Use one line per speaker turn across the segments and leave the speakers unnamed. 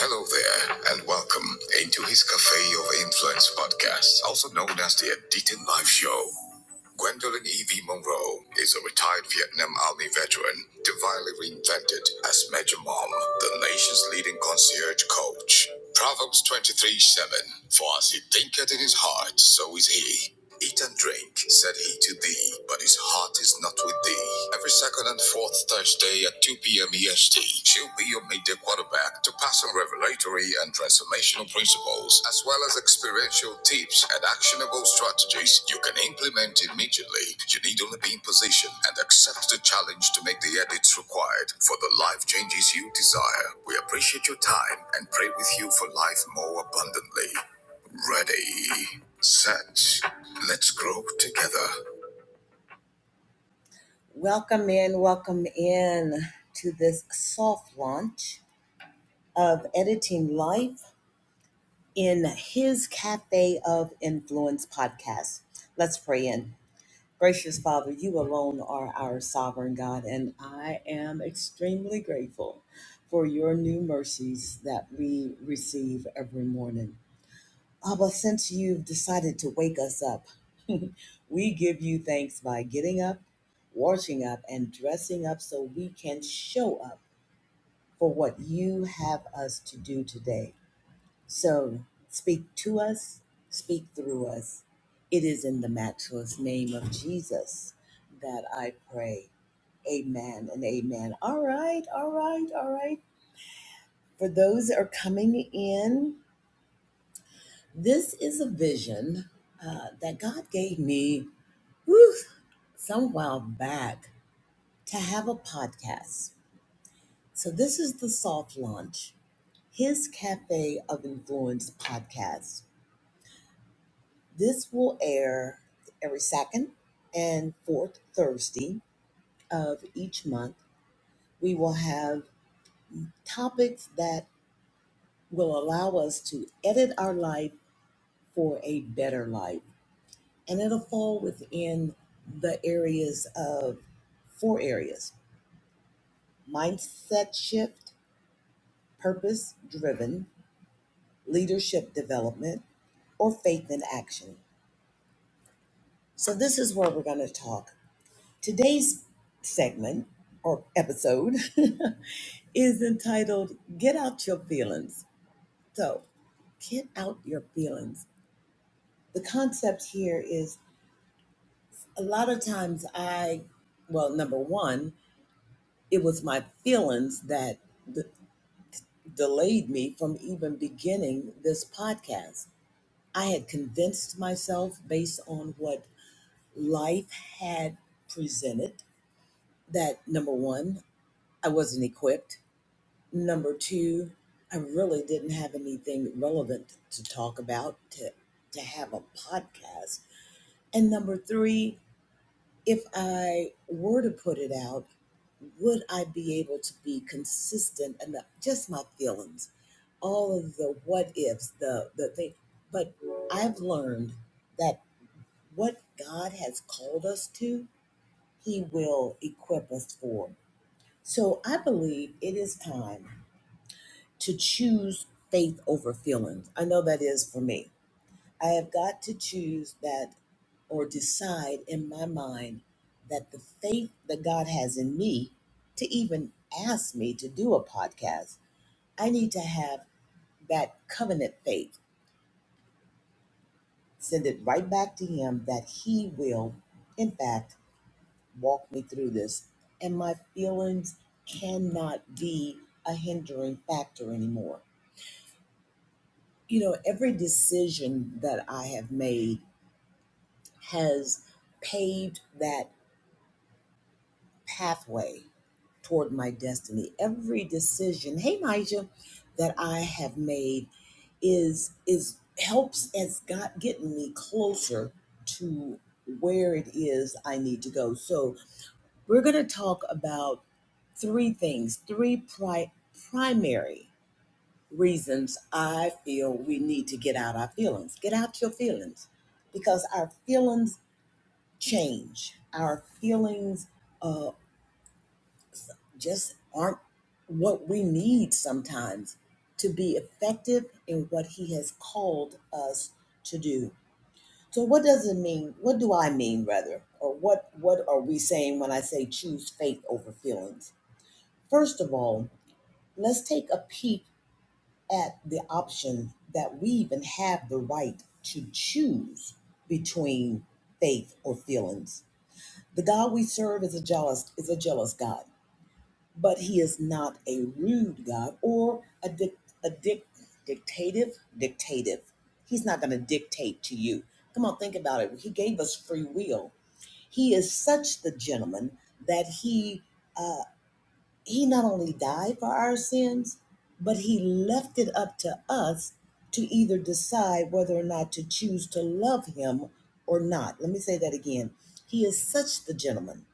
Hello there, and welcome into his Cafe of Influence podcast, also known as the Aditin Live Show. Gwendolyn Evie Monroe is a retired Vietnam Army veteran, divinely reinvented as Major Mom, the nation's leading concierge coach. Proverbs 23 7 For as he thinketh in his heart, so is he. Eat and drink, said he to thee, but his heart is not with thee. Every second and fourth Thursday at 2 p.m. EST stage. She'll be your midday quarterback to pass on revelatory and transformational principles, as well as experiential tips and actionable strategies you can implement immediately. You need only be in position and accept the challenge to make the edits required for the life changes you desire. We appreciate your time and pray with you for life more abundantly. Ready, set, let's grow together. Welcome in, welcome in to this soft launch of editing life in his Cafe of Influence podcast. Let's pray in. Gracious Father, you alone are our sovereign God, and I am extremely grateful for your new mercies that we receive every morning. Abba, since you've decided to wake us up, we give you thanks by getting up, washing up, and dressing up so we can show up for what you have us to do today. So speak to us, speak through us. It is in the matchless name of Jesus that I pray. Amen and amen. All right, all right, all right. For those that are coming in, this is a vision uh, that God gave me whew, some while back to have a podcast. So this is the soft launch, his Cafe of Influence podcast. This will air every second and fourth Thursday of each month. We will have topics that will allow us to edit our life for a better life. And it'll fall within the areas of four areas mindset shift, purpose driven, leadership development, or faith in action. So, this is where we're going to talk. Today's segment or episode is entitled Get Out Your Feelings. So, get out your feelings. The concept here is a lot of times I, well, number one, it was my feelings that d- delayed me from even beginning this podcast. I had convinced myself based on what life had presented that number one, I wasn't equipped Number two, I really didn't have anything relevant to talk about to, to have a podcast. And number three, if I were to put it out, would I be able to be consistent enough? Just my feelings, all of the what ifs, the, the thing. But I've learned that what God has called us to, He will equip us for. So I believe it is time. to choose faith over feelings. I know that is for me. I have got to choose that or decide in my mind that the faith that God has in me to even ask me to do a podcast, I need to have that covenant faith. Send it right back to Him that He will, in fact, walk me through this. And my feelings cannot be a hindering factor anymore. You know, every decision that I have made has paved that pathway toward my destiny. Every decision, hey Nigel, that I have made is is helps as God getting me closer to where it is I need to go. So we're gonna talk about three things, three pri- primary reasons I feel we need to get out our feelings. Get out your feelings because our feelings change. Our feelings uh, just aren't what we need sometimes to be effective in what He has called us to do. So, what does it mean? What do I mean, rather? Or what, what are we saying when I say choose faith over feelings? First of all, let's take a peek at the option that we even have the right to choose between faith or feelings. The God we serve is a jealous is a jealous God, but He is not a rude God or a dic- a dic- dictative dictative. He's not going to dictate to you. Come on, think about it. He gave us free will. He is such the gentleman that he uh, he not only died for our sins, but he left it up to us to either decide whether or not to choose to love him or not. Let me say that again. He is such the gentleman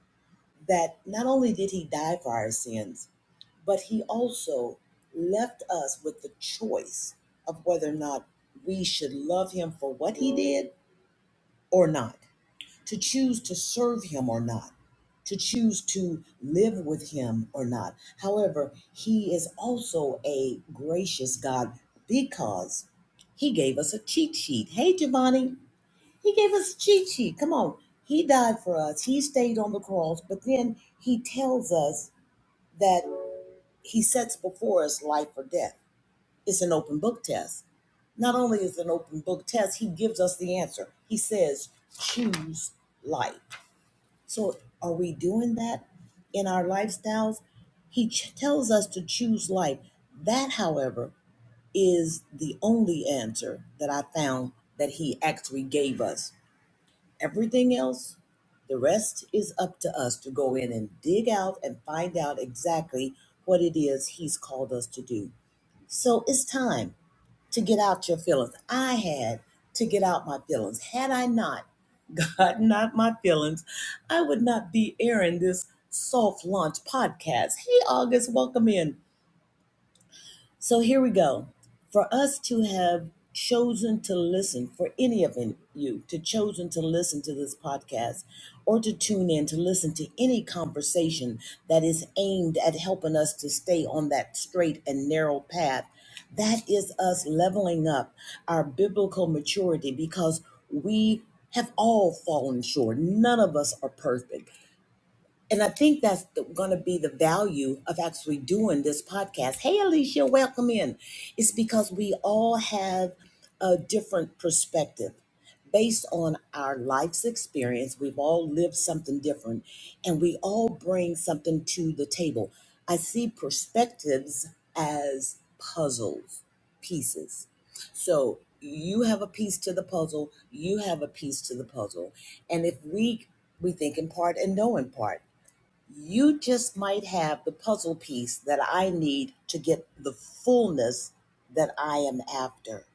that not only did he die for our sins, but he also left us with the choice of whether or not we should love him for what he did or not to choose to serve him or not, to choose to live with him or not. However, he is also a gracious God because he gave us a cheat sheet. Hey, Giovanni, he gave us a cheat sheet. Come on. He died for us, he stayed on the cross, but then he tells us that he sets before us life or death. It's an open book test. Not only is it an open book test, he gives us the answer. He says, choose life. So, are we doing that in our lifestyles? He ch- tells us to choose life. That, however, is the only answer that I found that he actually gave us. Everything else, the rest is up to us to go in and dig out and find out exactly what it is he's called us to do. So, it's time to get out your feelings. I had to get out my feelings. Had I not gotten out my feelings, I would not be airing this soft launch podcast. Hey, August, welcome in. So here we go. For us to have chosen to listen, for any of you to chosen to listen to this podcast or to tune in to listen to any conversation that is aimed at helping us to stay on that straight and narrow path, that is us leveling up our biblical maturity because we have all fallen short. None of us are perfect. And I think that's going to be the value of actually doing this podcast. Hey, Alicia, welcome in. It's because we all have a different perspective based on our life's experience. We've all lived something different, and we all bring something to the table. I see perspectives as puzzles, pieces. So you have a piece to the puzzle, you have a piece to the puzzle. And if we we think in part and know in part. You just might have the puzzle piece that I need to get the fullness that I am after.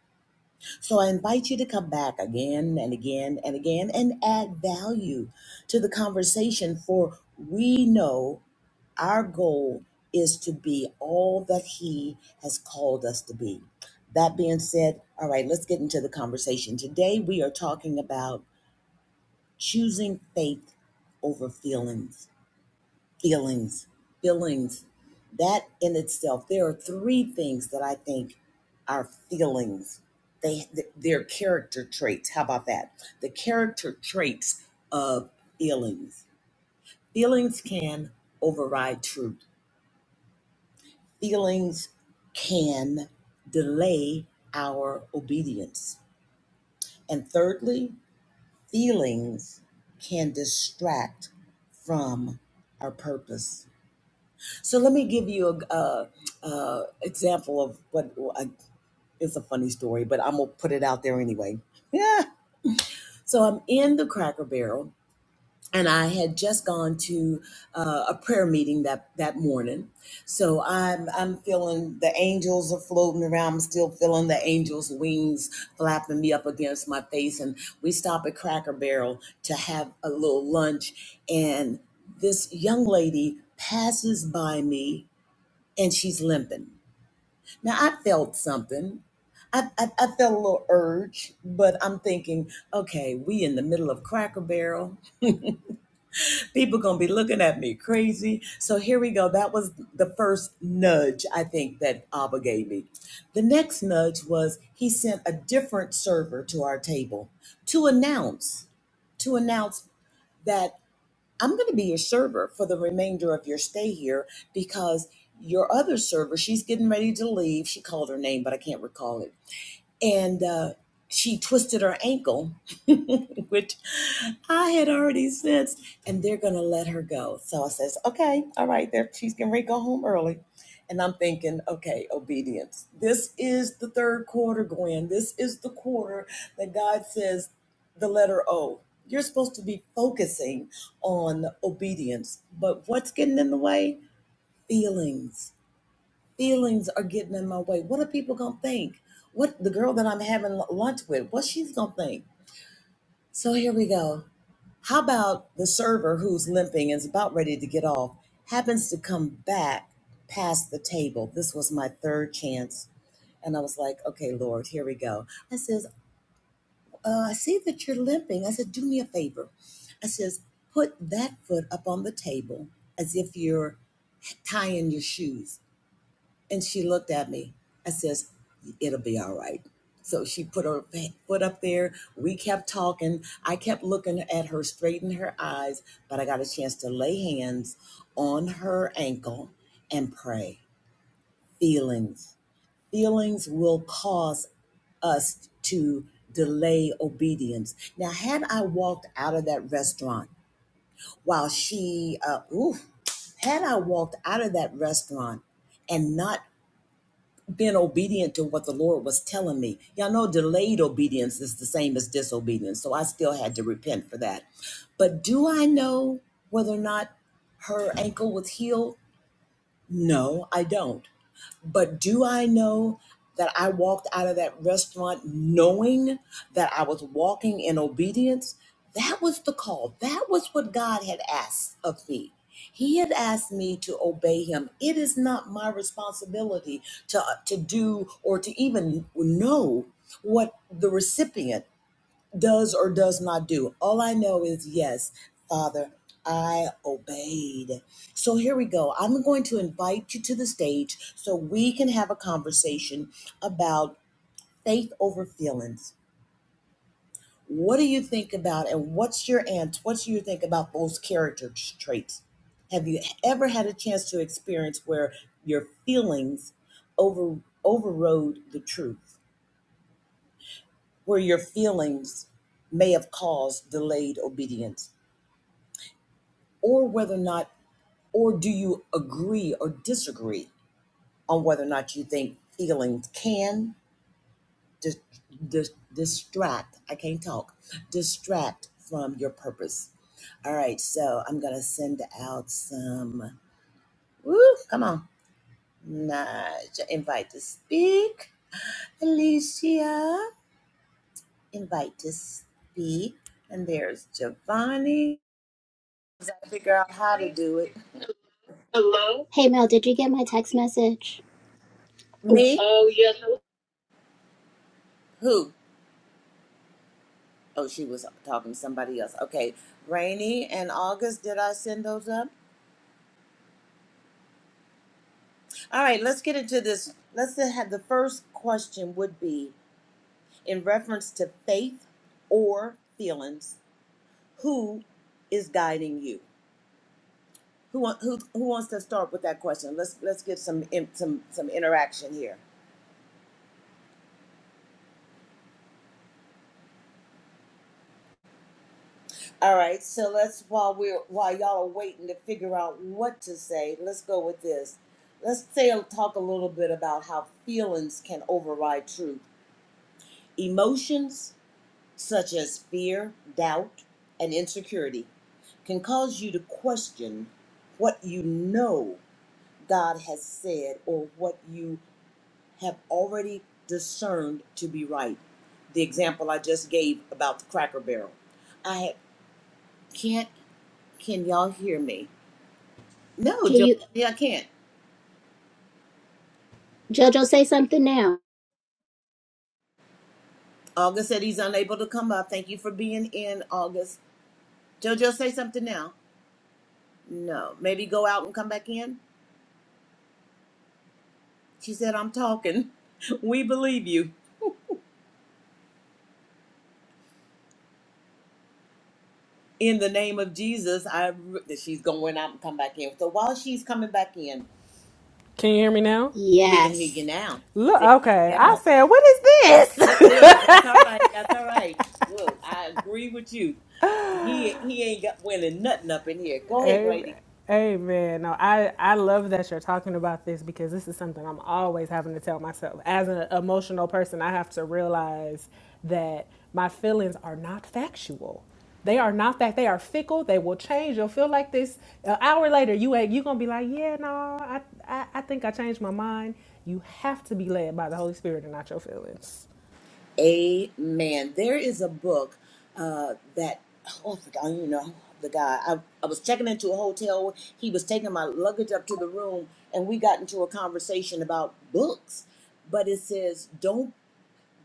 So I invite you to come back again and again and again and add value to the conversation, for we know our goal is to be all that He has called us to be. That being said, all right, let's get into the conversation. Today we are talking about choosing faith over feelings feelings feelings that in itself there are three things that i think are feelings they th- they're character traits how about that the character traits of feelings feelings can override truth feelings can delay our obedience and thirdly feelings can distract from our purpose So let me give you a uh, uh, example of what I, it's a funny story, but I'm gonna put it out there anyway. Yeah. So I'm in the Cracker Barrel, and I had just gone to uh, a prayer meeting that that morning. So I'm I'm feeling the angels are floating around. I'm still feeling the angels' wings flapping me up against my face. And we stop at Cracker Barrel to have a little lunch, and this young lady passes by me and she's limping. Now I felt something. I, I, I felt a little urge, but I'm thinking, okay, we in the middle of Cracker Barrel. People gonna be looking at me crazy. So here we go. That was the first nudge I think that Abba gave me. The next nudge was he sent a different server to our table to announce to announce that I'm going to be your server for the remainder of your stay here because your other server, she's getting ready to leave. She called her name, but I can't recall it and uh, she twisted her ankle, which I had already sensed, and they're gonna let her go. So I says, okay, all right, there she's going ready to go home early. And I'm thinking, okay, obedience. This is the third quarter, Gwen. This is the quarter that God says the letter O. You're supposed to be focusing on obedience, but what's getting in the way? Feelings feelings are getting in my way. What are people gonna think? What the girl that I'm having lunch with, what she's gonna think? So here we go. How about the server who's limping and is about ready to get off happens to come back past the table? This was my third chance. And I was like, okay, Lord, here we go. I says, uh, I see that you're limping. I said, do me a favor. I says, put that foot up on the table as if you're tying your shoes. And she looked at me. I says, "It'll be all right." So she put her foot up there. We kept talking. I kept looking at her straight in her eyes, but I got a chance to lay hands on her ankle and pray. Feelings. Feelings will cause us to delay obedience. Now, had I walked out of that restaurant while she, uh, ooh, had I walked out of that restaurant and not being obedient to what the Lord was telling me. Y'all know delayed obedience is the same as disobedience, so I still had to repent for that. But do I know whether or not her ankle was healed? No, I don't. But do I know that I walked out of that restaurant knowing that I was walking in obedience? That was the call. That was what God had asked of me. He had asked me to obey him. It is not my responsibility to, uh, to do or to even know what the recipient does or does not do. All I know is yes, Father, I obeyed. So here we go. I'm going to invite you to the stage so we can have a conversation about faith over feelings. What do you think about and what's your answer? What do you think about those character traits? Have you ever had a chance to experience where your feelings over overrode the truth? Where your feelings may have caused delayed obedience? or whether or not, or do you agree or disagree on whether or not you think feelings can dis- dis- distract, I can't talk, distract from your purpose? All right, so I'm going to send out some, woo, come on, Nudge, invite to speak. Alicia, invite to speak. And there's Giovanni. I figure out how to do it.
Hello? Hey Mel, did you get my text message? Oh,
Me?
Oh, yes.
Who? Oh, she was talking to somebody else. Okay. Rainy and August, did I send those up? All right, let's get into this. Let's have the first question would be in reference to faith or feelings, who is guiding you? Who, wa- who, who wants to start with that question? Let's let's get some in, some some interaction here. All right, so let's while we're while y'all are waiting to figure out what to say, let's go with this. Let's say talk a little bit about how feelings can override truth Emotions such as fear, doubt, and insecurity can cause you to question what you know God has said or what you have already discerned to be right. The example I just gave about the cracker barrel. I had, can't, can y'all hear me? No,
can you,
Giovanni, I can't.
JoJo, say something now?
August said he's unable to come up. Thank you for being in, August. JoJo, say something now. No. Maybe go out and come back in? She said, I'm talking. We believe you. In the name of Jesus, I re-" she's going out and come back in. So while she's coming back in,
Can you hear me now?
we can hear
Yes.
you now.
Look,
There you
okay. I
go.
said, what is this?
Look, look, that's all right. That's all right. Look, I agree with you. He he ain't got winning nothing up in here. Go ahead,
Amen.
Glady.
Amen. No, I, I love that you're talking about this because this is something I'm always having to tell myself. As an emotional person, I have to realize that my feelings are not factual. They are not fact. They are fickle. They will change. You'll feel like this an hour later. You ain't- you gonna be like, yeah, no, I, I I think I changed my mind. You have to be led by the Holy Spirit and not your feelings.
Amen. There is a book uh, that oh, I forgot, I don't even know the guy. I, I was checking into a hotel. He was taking my luggage up to the room, and we got into a conversation about books. But it says, "Don't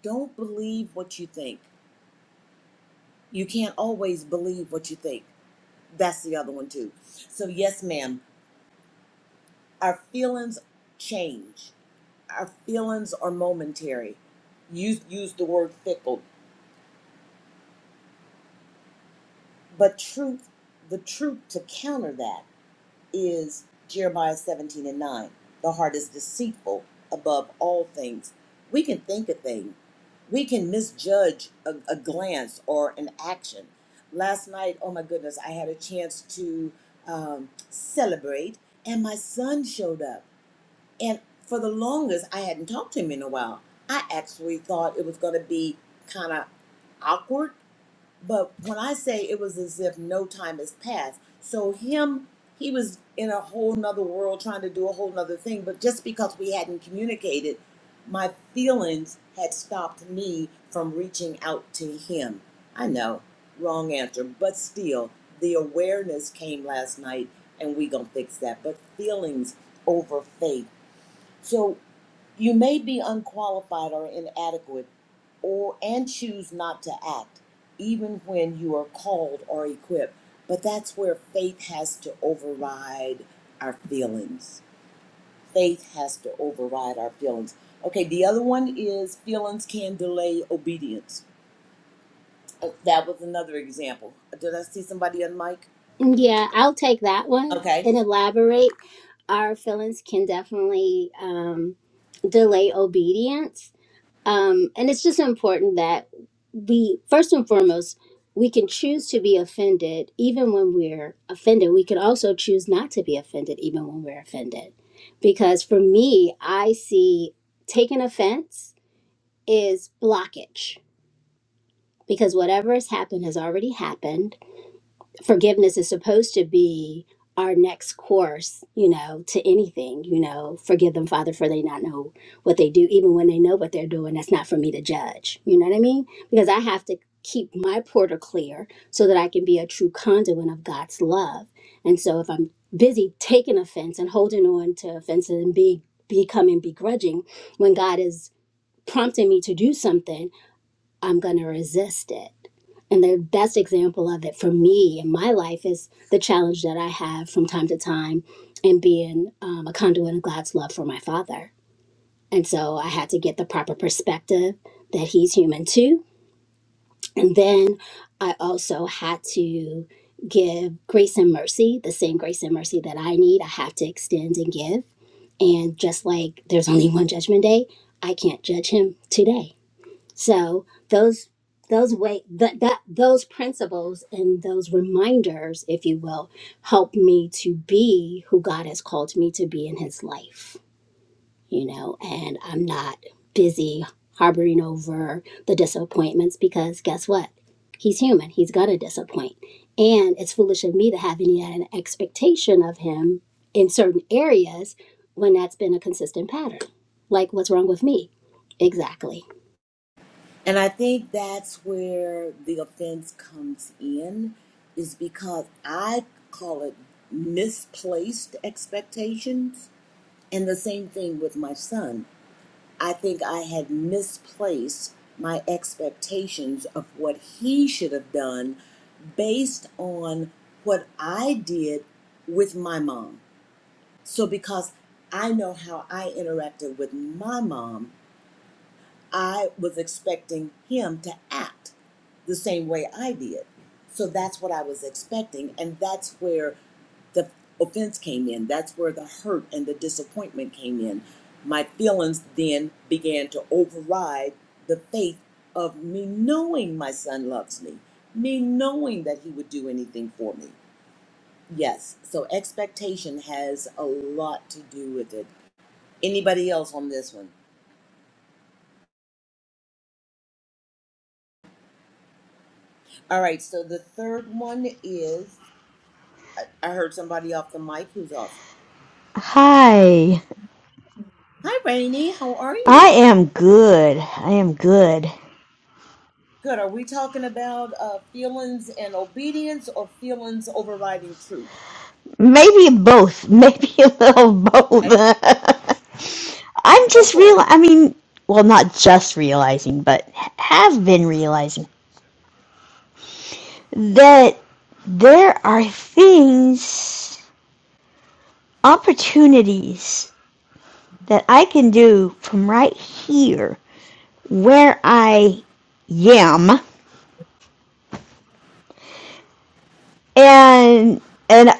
don't believe what you think. You can't always believe what you think." That's the other one too. So yes, ma'am, our feelings change. Our feelings are momentary. You used the word fickle But truth, the truth to counter that is Jeremiah 17 and 9. The heart is deceitful above all things. We can think a thing, we can misjudge a, a glance or an action. Last night, oh my goodness, I had a chance to um, celebrate, and my son showed up. And for the longest, I hadn't talked to him in a while. I actually thought it was going to be kind of awkward but when I say it was as if no time has passed, so him, he was in a whole nother world trying to do a whole nother thing. But just because we hadn't communicated, my feelings had stopped me from reaching out to him. I know, wrong answer, but still, the awareness came last night, and we gonna fix that. But feelings over faith. So you may be unqualified or inadequate or and choose not to act even when you are called or equipped. But that's where faith has to override our feelings. Faith has to override our feelings. Okay, the other one is feelings can delay obedience. Uh, That was another example. Did I see somebody on mic?
Yeah, I'll take that one
Okay.
and elaborate. Our feelings can definitely um, delay obedience. Um, and it's just important that we first and foremost we can choose to be offended even when we're offended we could also choose not to be offended even when we're offended because for me i see taking offense is blockage because whatever has happened has already happened forgiveness is supposed to be our next course, you know, to anything, you know, forgive them, Father, for they not know what they do, even when they know what they're doing. That's not for me to judge. You know what I mean? Because I have to keep my portal clear so that I can be a true conduit of God's love. And so if I'm busy taking offense and holding on to offenses and be becoming begrudging when God is prompting me to do something I'm going to resist it. And the best example of it for me in my life is the challenge that I have from time to time in being um, a conduit of God's love for my father. And so I had to get the proper perspective that he's human too. And then I also had to give grace and mercy, the same grace and mercy that I need, I have to extend and give. And just like there's only one judgment day, I can't judge him today so those those way that that those principles and those reminders, if you will, help me to be who God has called me to be in His life. You know, and I'm not busy harboring over the disappointments because guess what? He's human. He's gonna disappoint, and it's foolish of me to have any an expectation of him in certain areas when that's been a consistent pattern. Like, what's wrong with me? Exactly.
And I think that's where the offense comes in, is because I call it misplaced expectations. And the same thing with my son. I think I had misplaced my expectations of what he should have done based on what I did with my mom. So, because I know how I interacted with my mom, I was expecting him to act the same way I did. So that's what I was expecting. And that's where the offense came in. That's where the hurt and the disappointment came in. My feelings then began to override the faith of me knowing my son loves me, me knowing that he would do anything for me. Yes, so expectation has a lot to do with it. Anybody else on this one? All right, so the third one is I heard somebody off the mic who's off.
Hi,
Hi, Rainey. How are
I
you?
am good. I am good.
Good. Are we talking about uh, feelings and obedience or feelings overriding truth?
Maybe both. Maybe a little both.
Okay,
I'm
go
just
for
real.
it.
I mean, well, not just realizing, but h- have been realizing that there are things, opportunities that I can do from right here where I yam, and and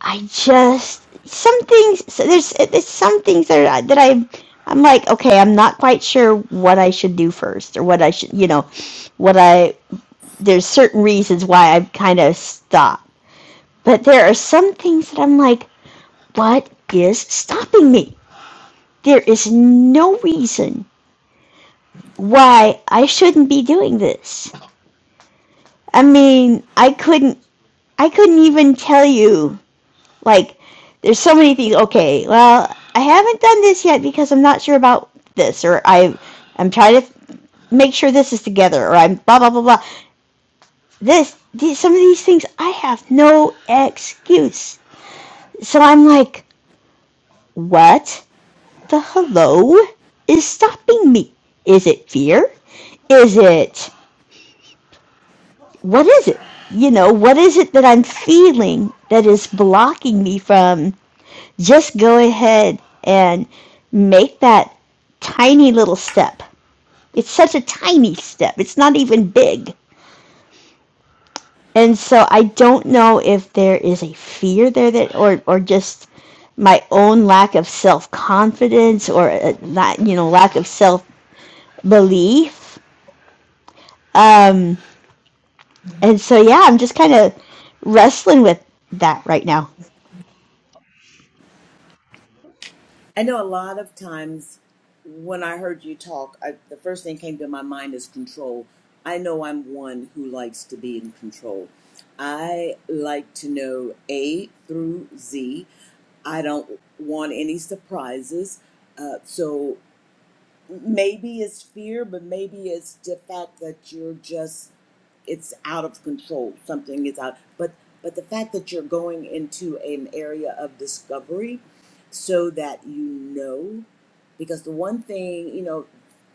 I just some things. So there's there's some things that are, that I I'm like okay, I'm not quite sure what I should do first or what I should you know what I there's certain reasons why I've kind of stopped. But there are some things that I'm like, what is stopping me? There is no reason why I shouldn't be doing this. I mean, I couldn't I couldn't even tell you Like, there's so many things. Okay, well, I haven't done this yet because I'm not sure about this, or I, I'm trying to make sure this is together, or I'm blah blah blah blah. This, these, some of these things, I have no excuse. So I'm like, what the hello is stopping me? Is it fear? Is it what is it? You know, what is it that I'm feeling that is blocking me from just go ahead and make that tiny little step. It's such a tiny step. It's not even big. And so I don't know if there is a fear there that or or just my own lack of self-confidence or uh, that you know lack of self-belief. Um and so yeah, I'm just kind of wrestling with that right now.
I know a lot of times when I heard you talk, I, the first thing came to my mind is control. I know I'm one who likes to be in control. I like to know A through Z. I don't want any surprises. Uh, so maybe it's fear, but maybe it's the fact that you're just it's out of control. Something is out, but but the fact that you're going into an area of discovery, so that you know, because the one thing you know,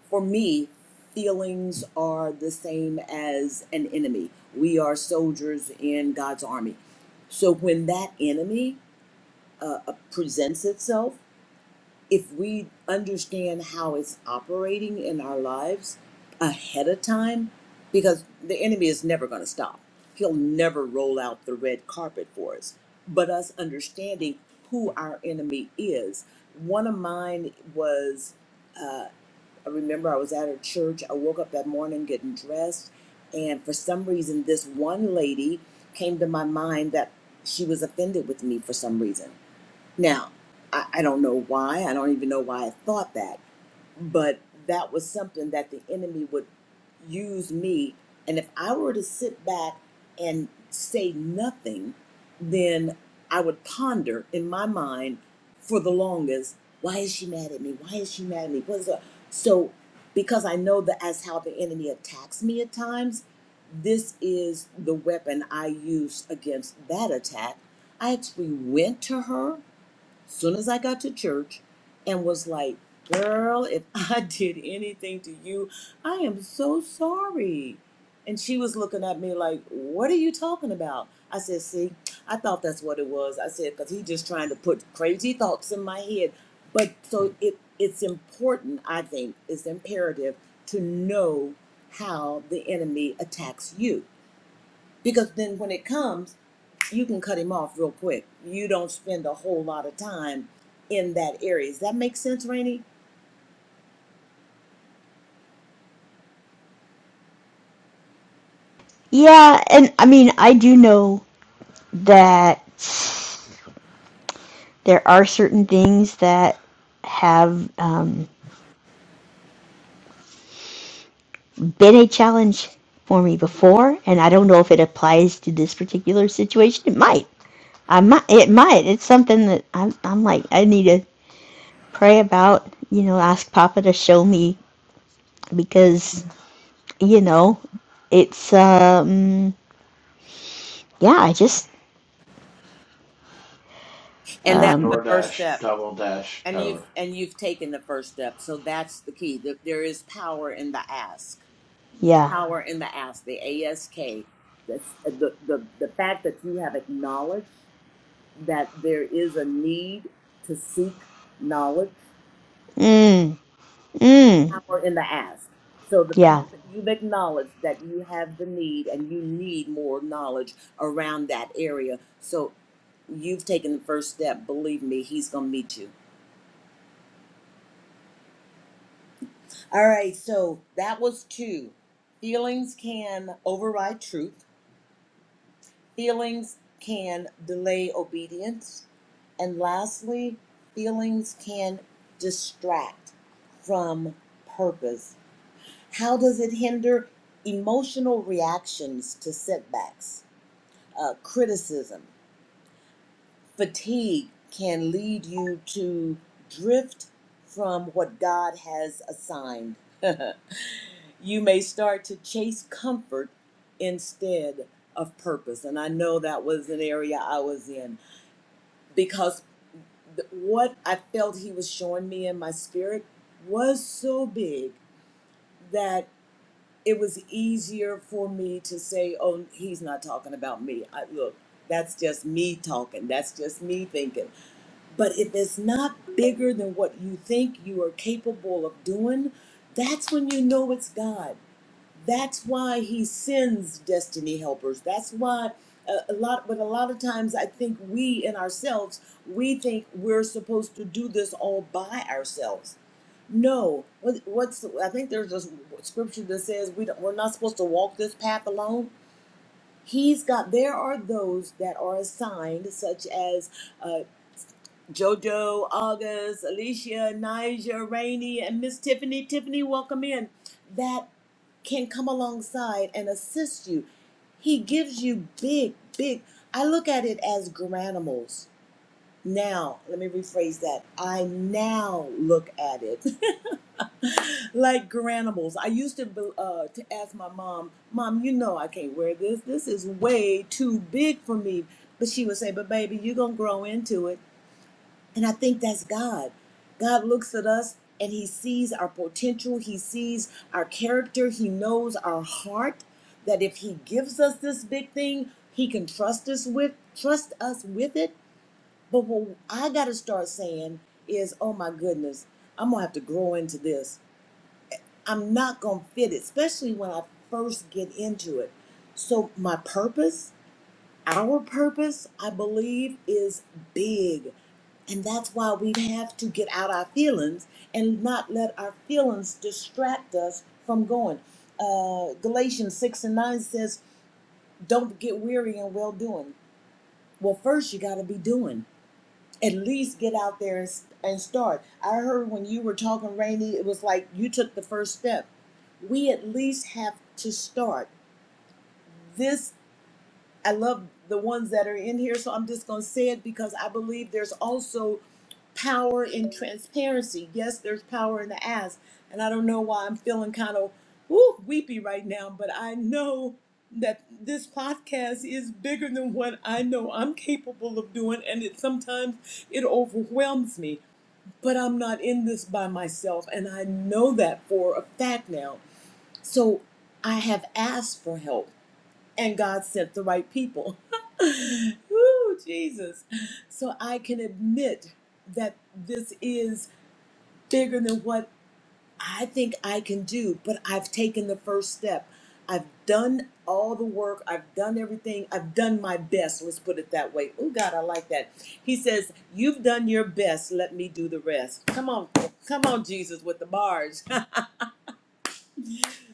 for me, feelings are the same as an enemy. We are soldiers in God's army. So when that enemy uh, uh, presents itself if we understand how it's operating in our lives ahead of time, because the enemy is never going to stop. He'll never roll out the red carpet for us. But us understanding who our enemy is. One of mine was, uh, I remember I was at a church. I woke up that morning getting dressed. And for some reason, this one lady came to my mind that she was offended with me for some reason now, I, I don't know why. I don't even know why I thought that, but that was something that the enemy would use me. And if I were to sit back and say nothing, then I would ponder in my mind for the longest why is she mad at me? Why is she mad at me? What is that? So, because I know that as how the enemy attacks me at times, this is the weapon I use against that attack. I actually went to her soon as I got to church and was like, Girl, if I did anything to you, I am so sorry. And she was looking at me like, What are you talking about? I said, See, I thought that's what it was. I said, Because he just trying to put crazy thoughts in my head. But so it, it's important, I think, it's imperative to know how the enemy attacks you. Because then when it comes, you can cut him off real quick. You don't spend a whole lot of time in that area. Does that make sense, Rainey?
Yeah, and I mean, I do know that there are certain things that have um, been a challenge for me before, and I don't know if it applies to this particular situation. It might. I might. It might. It's something that I'm. I'm like I need to pray about. You know, ask Papa to show me because you know, it's um. Yeah, I just
And that's
um.
the first step. And you've and you've taken the first step. So that's the key. That there is power in the ask.
Yeah.
Power in the ask. The ASK. The, the the the fact that you have acknowledged that there is a need to seek knowledge
Mm. Mm.
power in the ask. So the,
Yeah.
you've acknowledged that you have the need and you need more knowledge around that area. So you've taken the first step. Believe me, he's going to meet you. All right. So that was two. Feelings can override truth, feelings can delay obedience. And lastly, feelings can distract from purpose. How does it hinder emotional reactions to setbacks? Uh, criticism, fatigue can lead you to drift from what God has assigned. you may start to chase comfort instead of purpose. And I know that was an area I was in because th- what I felt He was showing me in my spirit was so big that. it was easier for me to say, "Oh, he's not talking about me." I, look, that's just me talking. That's just me thinking. But if it's not bigger than what you think you are capable of doing, that's when you know it's God. That's why He sends destiny helpers. That's why a, a lot. But a lot of times, I think we in ourselves we think we're supposed to do this all by ourselves no, what, what's I think there's a scripture that says we don't, we're not supposed to walk this path alone. He's got. There are those that are assigned, such as uh, JoJo, August, Alicia, Nija, Rainey, and Miss Tiffany. Tiffany, welcome in. That can come alongside and assist you. He gives you big, big. I look at it as granules. Now, let me rephrase that. I now look at it like granimals. I used to uh, to ask my mom, "Mom, you know I can't wear this. This is way too big for me." But she would say, "But baby, you're gonna grow into it." And I think that's God. God looks at us and He sees our potential. He sees our character. He knows our heart. That if He gives us this big thing, He can trust us with trust us with it. But what I gotta start saying is, "Oh my goodness, I'm gonna have to grow into this." I'm not going to fit it, especially when I first get into it. So, my purpose, our purpose, I believe, is big. And that's why we have to get out our feelings and not let our feelings distract us from going. Uh, Galatians 6 and 9 says, Don't get weary in well doing. Well, first, you got to be doing at least get out there and, and start. I heard when you were talking, Rainy, it was like you took the first step. We at least have to start. This I love the ones that are in here, so I'm just going to say it because I believe there's also power in transparency. Yes, there's power in the ask. And I don't know why I'm feeling kind of woo, weepy right now, but I know that this podcast is bigger than what I know I'm capable of doing. And it sometimes it overwhelms me, but I'm not in this by myself. And I know that for a fact now. So I have asked for help and God sent the right people. Ooh, Jesus. So I can admit that this is bigger than what I think I can do, but I've taken the first step. I've done all the work. I've done everything. I've done my best. Let's put it that way. Oh, God, I like that. He says, You've done your best. Let me do the rest. Come on. Come on, Jesus, with the bars.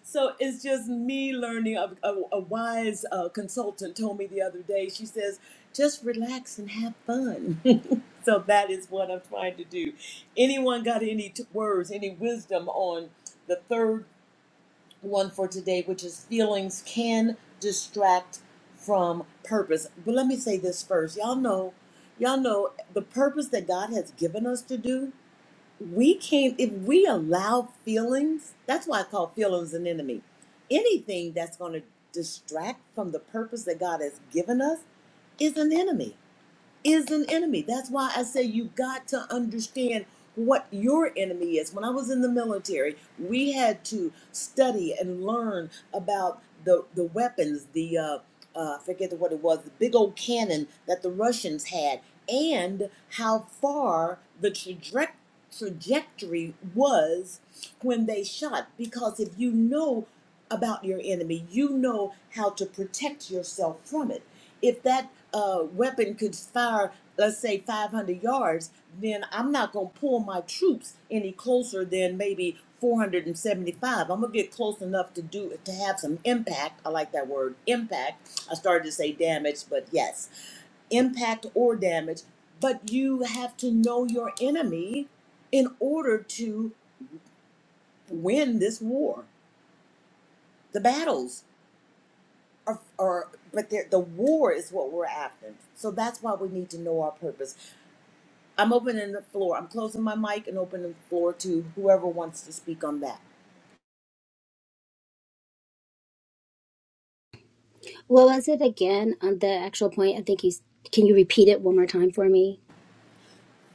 So it's just me learning. A, a, a wise uh, consultant told me the other day, she says, just relax and have fun. so that is what I'm trying to do. Anyone got any t- words, any wisdom on the third one for today, which is feelings can distract from purpose? But let me say this first. Y'all know, y'all know the purpose that God has given us to do we can't if we allow feelings that's why i call feelings an enemy anything that's going to distract from the purpose that god has given us is an enemy is an enemy. That's why I say you got to understand what your enemy is. When I was in the military, we had to study and learn about the the weapons, the uh, uh, I forget what it was, the big old cannon that the Russians had, and how far the trajectory trajectory was when they shot because if you know about your enemy. You know how to protect yourself from it. If that uh, weapon could fire, let's say, 500 yards, then I'm not going to pull my troops any closer than maybe 475. I'm going to get close enough to do to have some impact. I like that word, impact. I started to say damage, but yes, impact or damage. But you have to know your enemy in order to win this war, the battles or, or but the war is what we're after. So that's why we need to know our purpose. I'm opening the floor. I'm closing my mic and opening the floor to whoever wants to speak on that.
What was it again on the actual point? I think you s- can you repeat it one more time for me?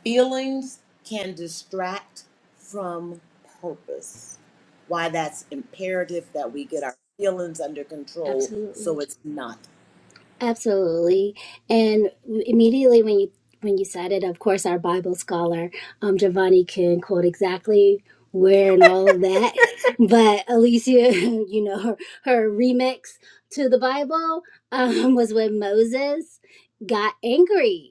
Feelings can distract from purpose. Why that's imperative that we get our feelings under control so
Absolutely.
it's not.
Absolutely. And immediately when you when you said it, of course our Bible scholar, um Giovanni can quote exactly where and all of that. But Alicia, you know, her, her remix to the Bible um, was when Moses got angry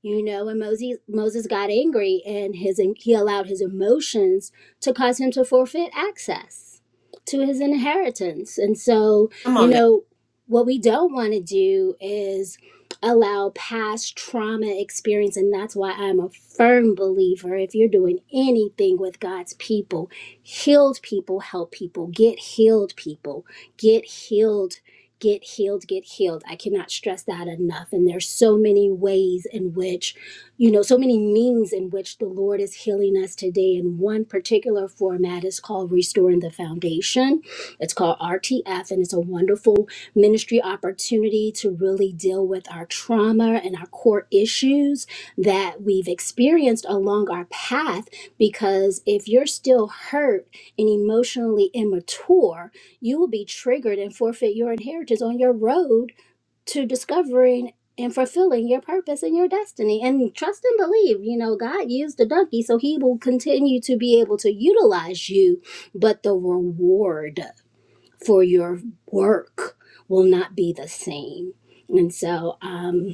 You know, when Moses Moses got angry and his he allowed his emotions to cause him to forfeit access to his inheritance. And so,
Come
you
on now.
know, what we don't want to do is allow past trauma experience and that's why I'm a firm believer if you're doing anything with God's people, healed people help people, get healed people, get healed get healed, get healed. I cannot stress that enough. And there's so many ways in which, you know, so many means in which the Lord is healing us today. And one particular format is called Restoring the Foundation. It's called RTF, and it's a wonderful ministry opportunity to really deal with our trauma and our core issues that we've experienced along our path. Because if you're still hurt and emotionally immature, you will be triggered and forfeit your inheritance on your road to discovering and fulfilling your purpose and your destiny. And trust and believe, you know, God used the donkey, so he will continue to be able to utilize you, but the reward for your work will not be the same. And so, um,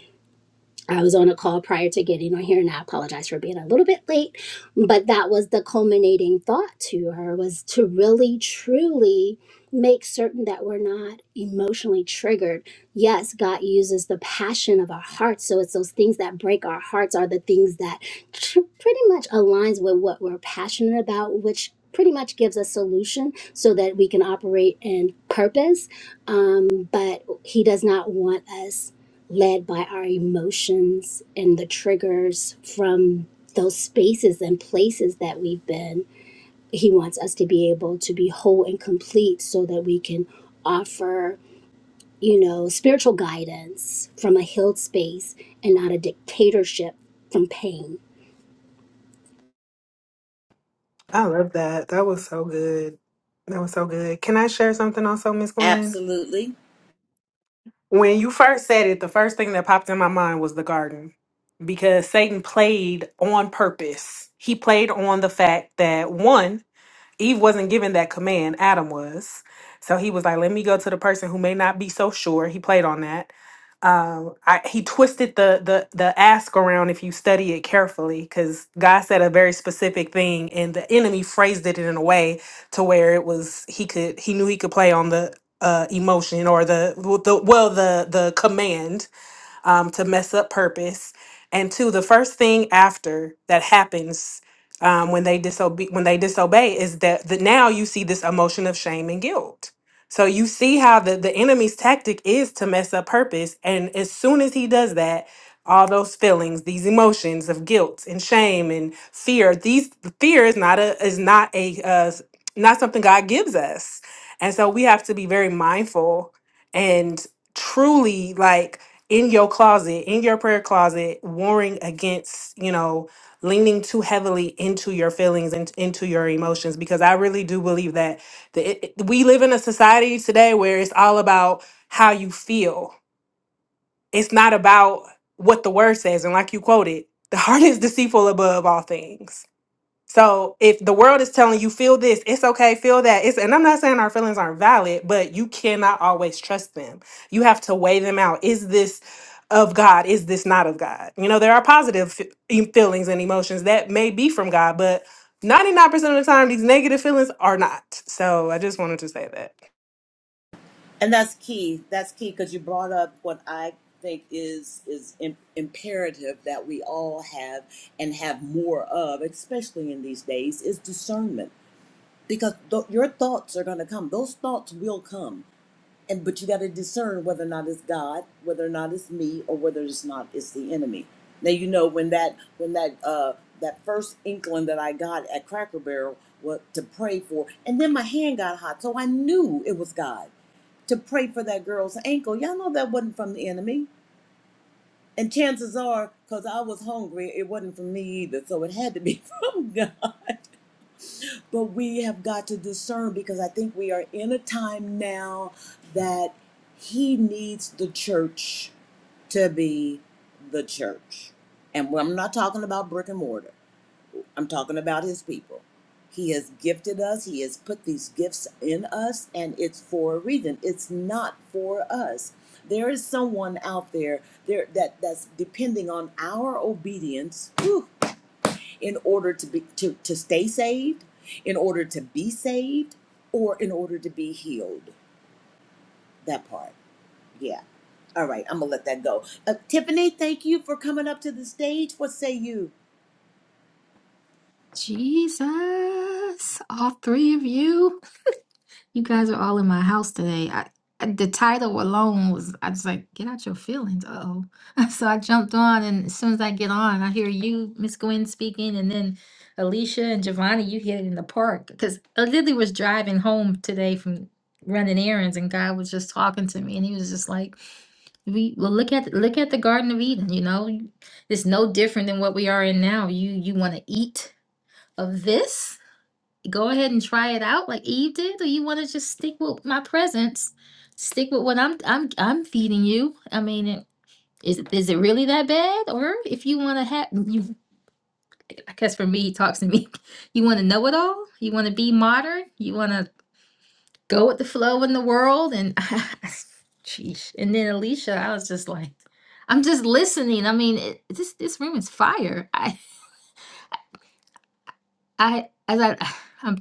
I was on a call prior to getting on here, and I apologize for being a little bit late. But that was the culminating thought to her was to really, truly make certain that we're not emotionally triggered. Yes, God uses the passion of our hearts, so it's those things that break our hearts are the things that tr- pretty much aligns with what we're passionate about, which pretty much gives a solution so that we can operate in purpose. Um, but He does not want us led by our emotions and the triggers from those spaces and places that we've been. He wants us to be able to be whole and complete so that we can offer, you know, spiritual guidance from a healed space and not a dictatorship from pain.
I love that. That was so good. That was so good. Can I share something also, Miss Gwen?
Absolutely.
When you first said it, the first thing that popped in my mind was the garden because Satan played on purpose. He played on the fact that one, Eve wasn't given that command, Adam was. So he was like, let me go to the person who may not be so sure. He played on that um, I, he twisted the the the ask around if you study it carefully because God said a very specific thing and the enemy phrased it in a way to where it was he could he knew he could play on the uh, emotion or the, well, the well the the command um, to mess up purpose. And two, the first thing after that happens um, when they disobey when they disobey is that that now you see this emotion of shame and guilt. So you see how the, the enemy's tactic is to mess up purpose. And as soon as he does that, all those feelings, these emotions of guilt and shame and fear, these fear is not a is not a uh, s- not something God gives us. And so we have to be very mindful and truly like in your closet, in your prayer closet, warring against, you know, leaning too heavily into your feelings and into your emotions, because I really do believe that the, it, it- we live in a society today where it's all about how you feel. It's not about what the word says. And like you quoted, the heart is deceitful above all things so if the world is telling you feel this, it's okay, feel that. It's and I'm not saying our feelings aren't valid, but you cannot always trust them. You have to weigh them out. Is this of God? Is this not of God? You know, there are positive f- e- feelings and emotions that may be from God, but 99% of the time these negative feelings are not. So I just wanted to say that.
And that's key. That's key because you brought up what I think is is im- imperative that we all have and have more of, especially in these days, is discernment. Because th- your thoughts are going to come; those thoughts will come, and but you got to discern whether or not it's God, whether or not it's me, or whether it's not it's the enemy. Now you know when that when that uh, that first inkling that I got at Cracker Barrel was to pray for, and then my hand got hot, so I knew it was God to pray for that girl's ankle. Y'all know that wasn't from the enemy. And chances are, because I was hungry, it wasn't from me either. So it had to be from God. But we have got to discern because I think we are in a time now that He needs the church to be the church. And I'm not talking about brick and mortar. I'm talking about his people. He has gifted us, he has put these gifts in us, and it's for a reason. It's not for us. There is someone out there there that, that's depending on our obedience whew, in order to be to, to stay saved, in order to be saved, or in order to be healed. That part. Yeah. All right, I'm gonna let that go. Uh, Tiffany, thank you for coming up to the stage. What say you?
Jesus, all three of you. You guys are all in my house today. I, the title alone was, I was like, get out your feelings. Uh-oh. So I jumped on, and as soon as I get on, I hear you, Miss Gwen, speaking, and then Alicia and Giovanni, you hit it in the park. Because I literally was driving home today from running errands, and God was just talking to me, and he was just like, we well look at look at the Garden of Eden, you know, it's no different than what we are in now. You you want to eat of this, go ahead and try it out like Eve did, or you want to just stick with my presence, stick with what I'm I'm I'm feeding you. I mean, it- is it is it really that bad? Or if you want to have you, I guess for me, he talks to me. You want to know it all. You want to be modern. You want to go with the flow in the world. And sheesh. And then Alicia, I was just like, I'm just listening. I mean, it, this this room is fire. I as I um,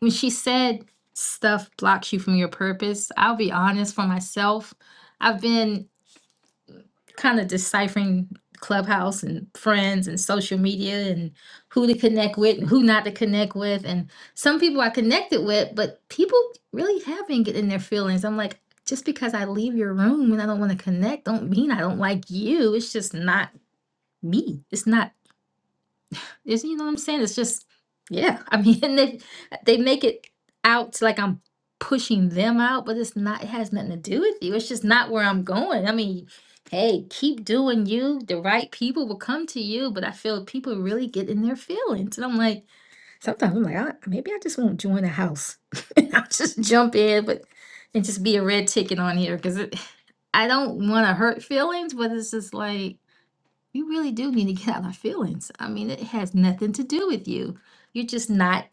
when she said stuff blocks you from your purpose, I'll be honest for myself. I've been kind of deciphering Clubhouse and friends and social media and who to connect with and who not to connect with. And some people I connected with, but people really have been getting their feelings. I'm like, just because I leave your room and I don't want to connect, don't mean I don't like you. It's just not me. It's not is you know what I'm saying? It's just yeah. I mean, and they they make it out to like I'm pushing them out, but it's not. It has nothing to do with you. It's just not where I'm going. I mean, hey, keep doing you. The right people will come to you, but I feel people really get in their feelings, and I'm like, sometimes I'm like, I, maybe I just won't join a house. And I'll just jump in, but and just be a red ticket on here because it. I don't want to hurt feelings, but it's just like. We really do need to get out our feelings. I mean, it has nothing to do with you. You're just not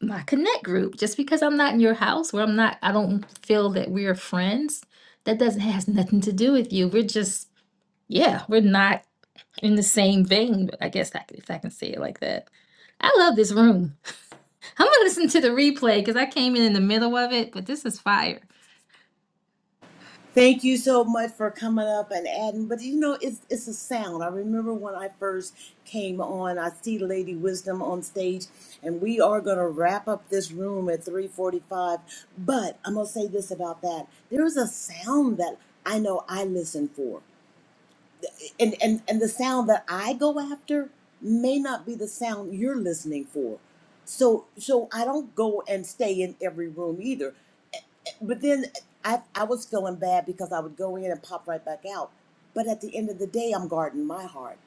my connect group. Just because I'm not in your house where I'm not, I don't feel that we're friends, that doesn't has nothing to do with you. We're just, yeah, we're not in the same vein, I guess I, c- if I can say it like that. I love this room. I'm gonna listen to the replay because I came in in the middle of it, but this is fire.
Thank you so much for coming up and adding. But you know, it's it's a sound. I remember when I first came on. I see Lady Wisdom on stage, and we are going to wrap up this room at three forty-five. But I'm going to say this about that: there is a sound that I know I listen for, and and and the sound that I go after may not be the sound you're listening for. So so I don't go and stay in every room either. But then I, I was feeling bad because I would go in and pop right back out. But at the end of the day, I'm guarding my heart.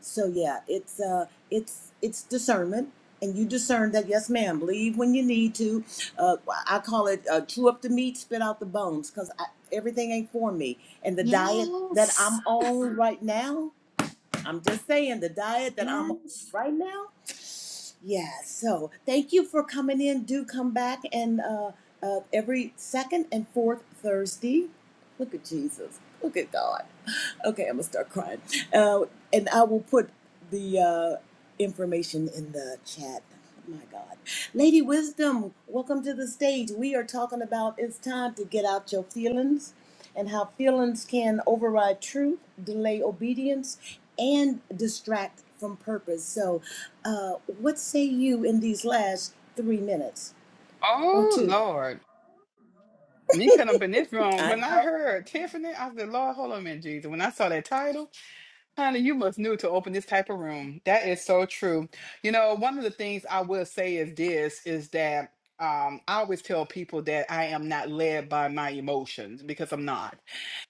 So yeah, it's uh, it's it's discernment, and you discern that. Yes, ma'am. Leave when you need to. Uh, I call it uh, chew up the meat, spit out the bones, because everything ain't for me. And the diet that I'm
Yes,
on right now, I'm just saying the diet that I'm on
yes.
right now. Yeah, so thank you for coming in. Do come back and uh, uh, every second and fourth Thursday. Look at Jesus. Look at God. Okay, I'm gonna start crying. Uh, and I will put the uh, information in the chat. Oh my God, Lady Wisdom, welcome to the stage. We are talking about it's time to get out your feelings and how feelings can override truth, delay obedience, and distract from purpose. So, uh, what say you in these last three minutes or
Oh
two?
Lord, me cut up in this room.
I
When I
know.
heard Tiffany, I said, "Lord, hold on a minute, Jesus." When I saw that title, honey, you must knew to open this type of room. That is so true. You know, one of the things I will say is this: is that um, I always tell people that I am not led by my emotions because I'm not.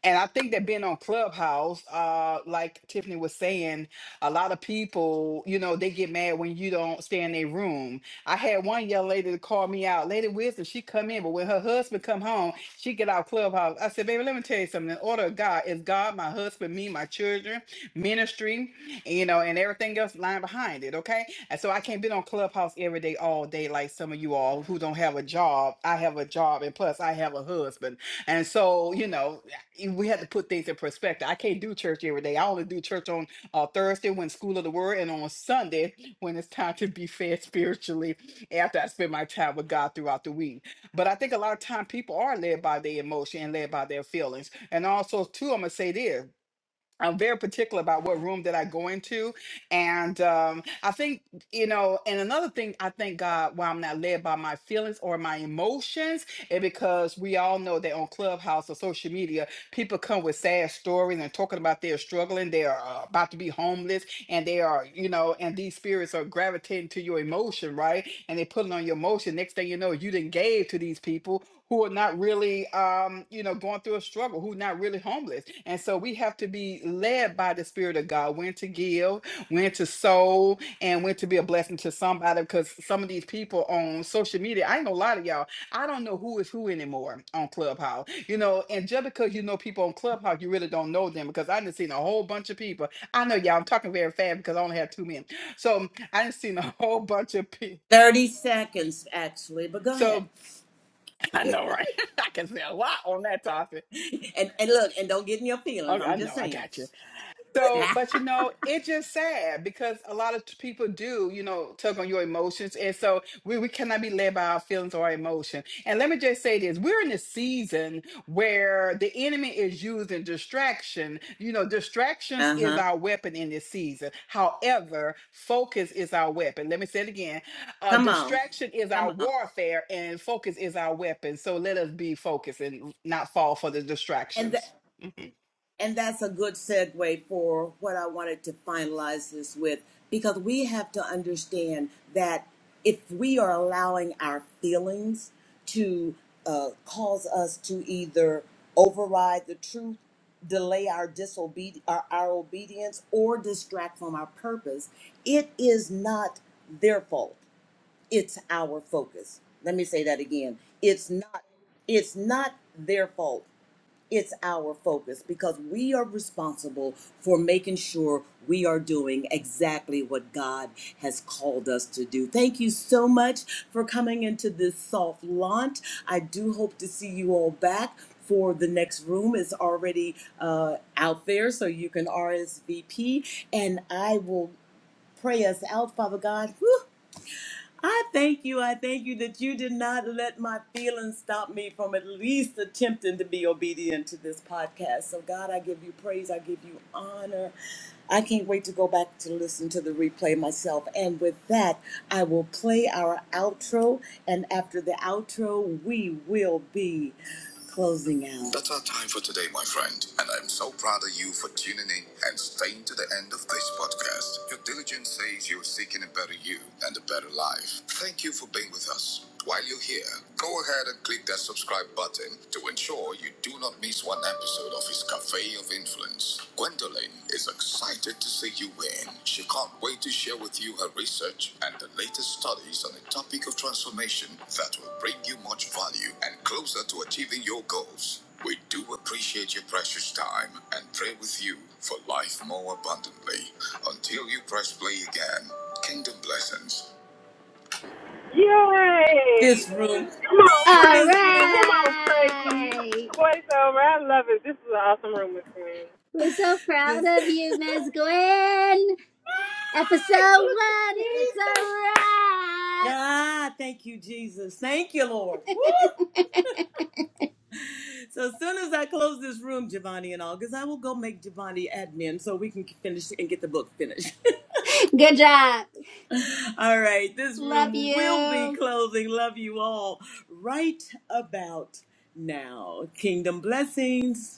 And I think that being on Clubhouse, uh, like Tiffany was saying, a lot of people, you know, they get mad when you don't stay in their room. I had one young lady to call me out, Lady Wisdom. She come in, but when her husband come home, she get out Clubhouse. I said, baby, let me tell you something. The order of God is God, my husband, me, my children, ministry, you know, and everything else lying behind it. Okay, and so I can't be on Clubhouse every day, all day, like some of you all who don't have a job. I have a job, and plus I have a husband. And so, you know, you- we had to put things in perspective. I can't do church every day. I only do church on uh, Thursday when school of the word and on Sunday when it's time to be fed spiritually after I spend my time with God throughout the week. But I think a lot of time people are led by their emotion and led by their feelings. And also, too, I'm going to say this I'm very particular about what room that I go into. And um, I think, you know, and another thing I thank God why I'm not led by my feelings or my emotions and because we all know that on Clubhouse or social media, people come with sad stories and talking about they're struggling, they are uh, about to be homeless, and they are, you know, and these spirits are gravitating to your emotion, right? And they put it on your emotion. Next thing you know, you didn't gave to these people who are not really um you know going through a struggle who not really homeless and so we have to be led by the spirit of god when to give when to sow and when to be a blessing to somebody because some of these people on social media i ain't gonna lie to y'all i don't know who is who anymore on clubhouse you know and just because you know people on clubhouse you really don't know them because i done seen a whole bunch of people i know y'all i'm talking very fast because i only have two men so i done seen a whole bunch of people
30 seconds, actually, but go ahead.
so i know right i can say a lot on that topic
and, and look, and don't get in your
Oh,
feelings.
I
I'm
know,
just
I
saying.
got you. So, but you know, it's just sad because a lot of t- people do, you know, tug on your emotions. And so we, we cannot be led by our feelings or our emotion. And let me just say this we're in a season where the enemy is using distraction. You know, distractions
Uh
is
huh.
our weapon in this season. However, focus is our weapon. Let me say it again uh,
Come on,
distraction is
come
our
on.
warfare, and focus is our weapon. So let us be focused and not fall for the
And tha-
distractions.
and that's a good segue for what I wanted to finalize this with, because we have to understand that if we are allowing our feelings to uh, cause us to either override the truth, delay our disobedience, our, our obedience, or distract from our purpose, it is not their fault. it's our focus. Let me say that again. It's not it's not their fault. It's our focus because we are responsible for making sure we are doing exactly what God has called us to do. Thank you so much for coming into this soft launch. I do hope to see you all back for the next room. It's already uh, out there, so you can RSVP. And I will pray us out, Father God. Whew. I thank you. I thank you that you did not let my feelings stop me from at least attempting to be obedient to this podcast. So, God, I give you praise. I give you honor. I can't wait to go back to listen to the replay myself. And with that, I will play our outro. And after the outro, we will be Closing out. That's our time for today, my friend. And I'm so proud of you for tuning in and staying to the end of this podcast. Your diligence says you're seeking a better you and a better life. Thank you for being with us. While you're here, go ahead and click that subscribe button to ensure you do not miss one episode of his Cafe of Influence. Gwendolyn is excited to see you win. She can't wait to share with you her research and the latest studies on the topic of transformation that will bring you much value and closer to achieving your goals. We do appreciate your precious time and pray with you for life more abundantly. Until you press play again, kingdom blessings.
Yay!
This room,
Come on,
All
this
Frankie.
room,
Come on, Frankie.
right.
Voiceover. I love it. This is an awesome room with me.
We're so proud
this.
of you, Miss Gwen. Episode one, it's a wrap.
Ah, thank you, Jesus. Thank you, Lord. Woo! So as soon as I close this room, Giovanni and all, because I will go make Giovanni admin so we can finish and get the book finished.
Good job.
all right, this
Love
room will be
you.
closing. Love you all right about now. Kingdom blessings.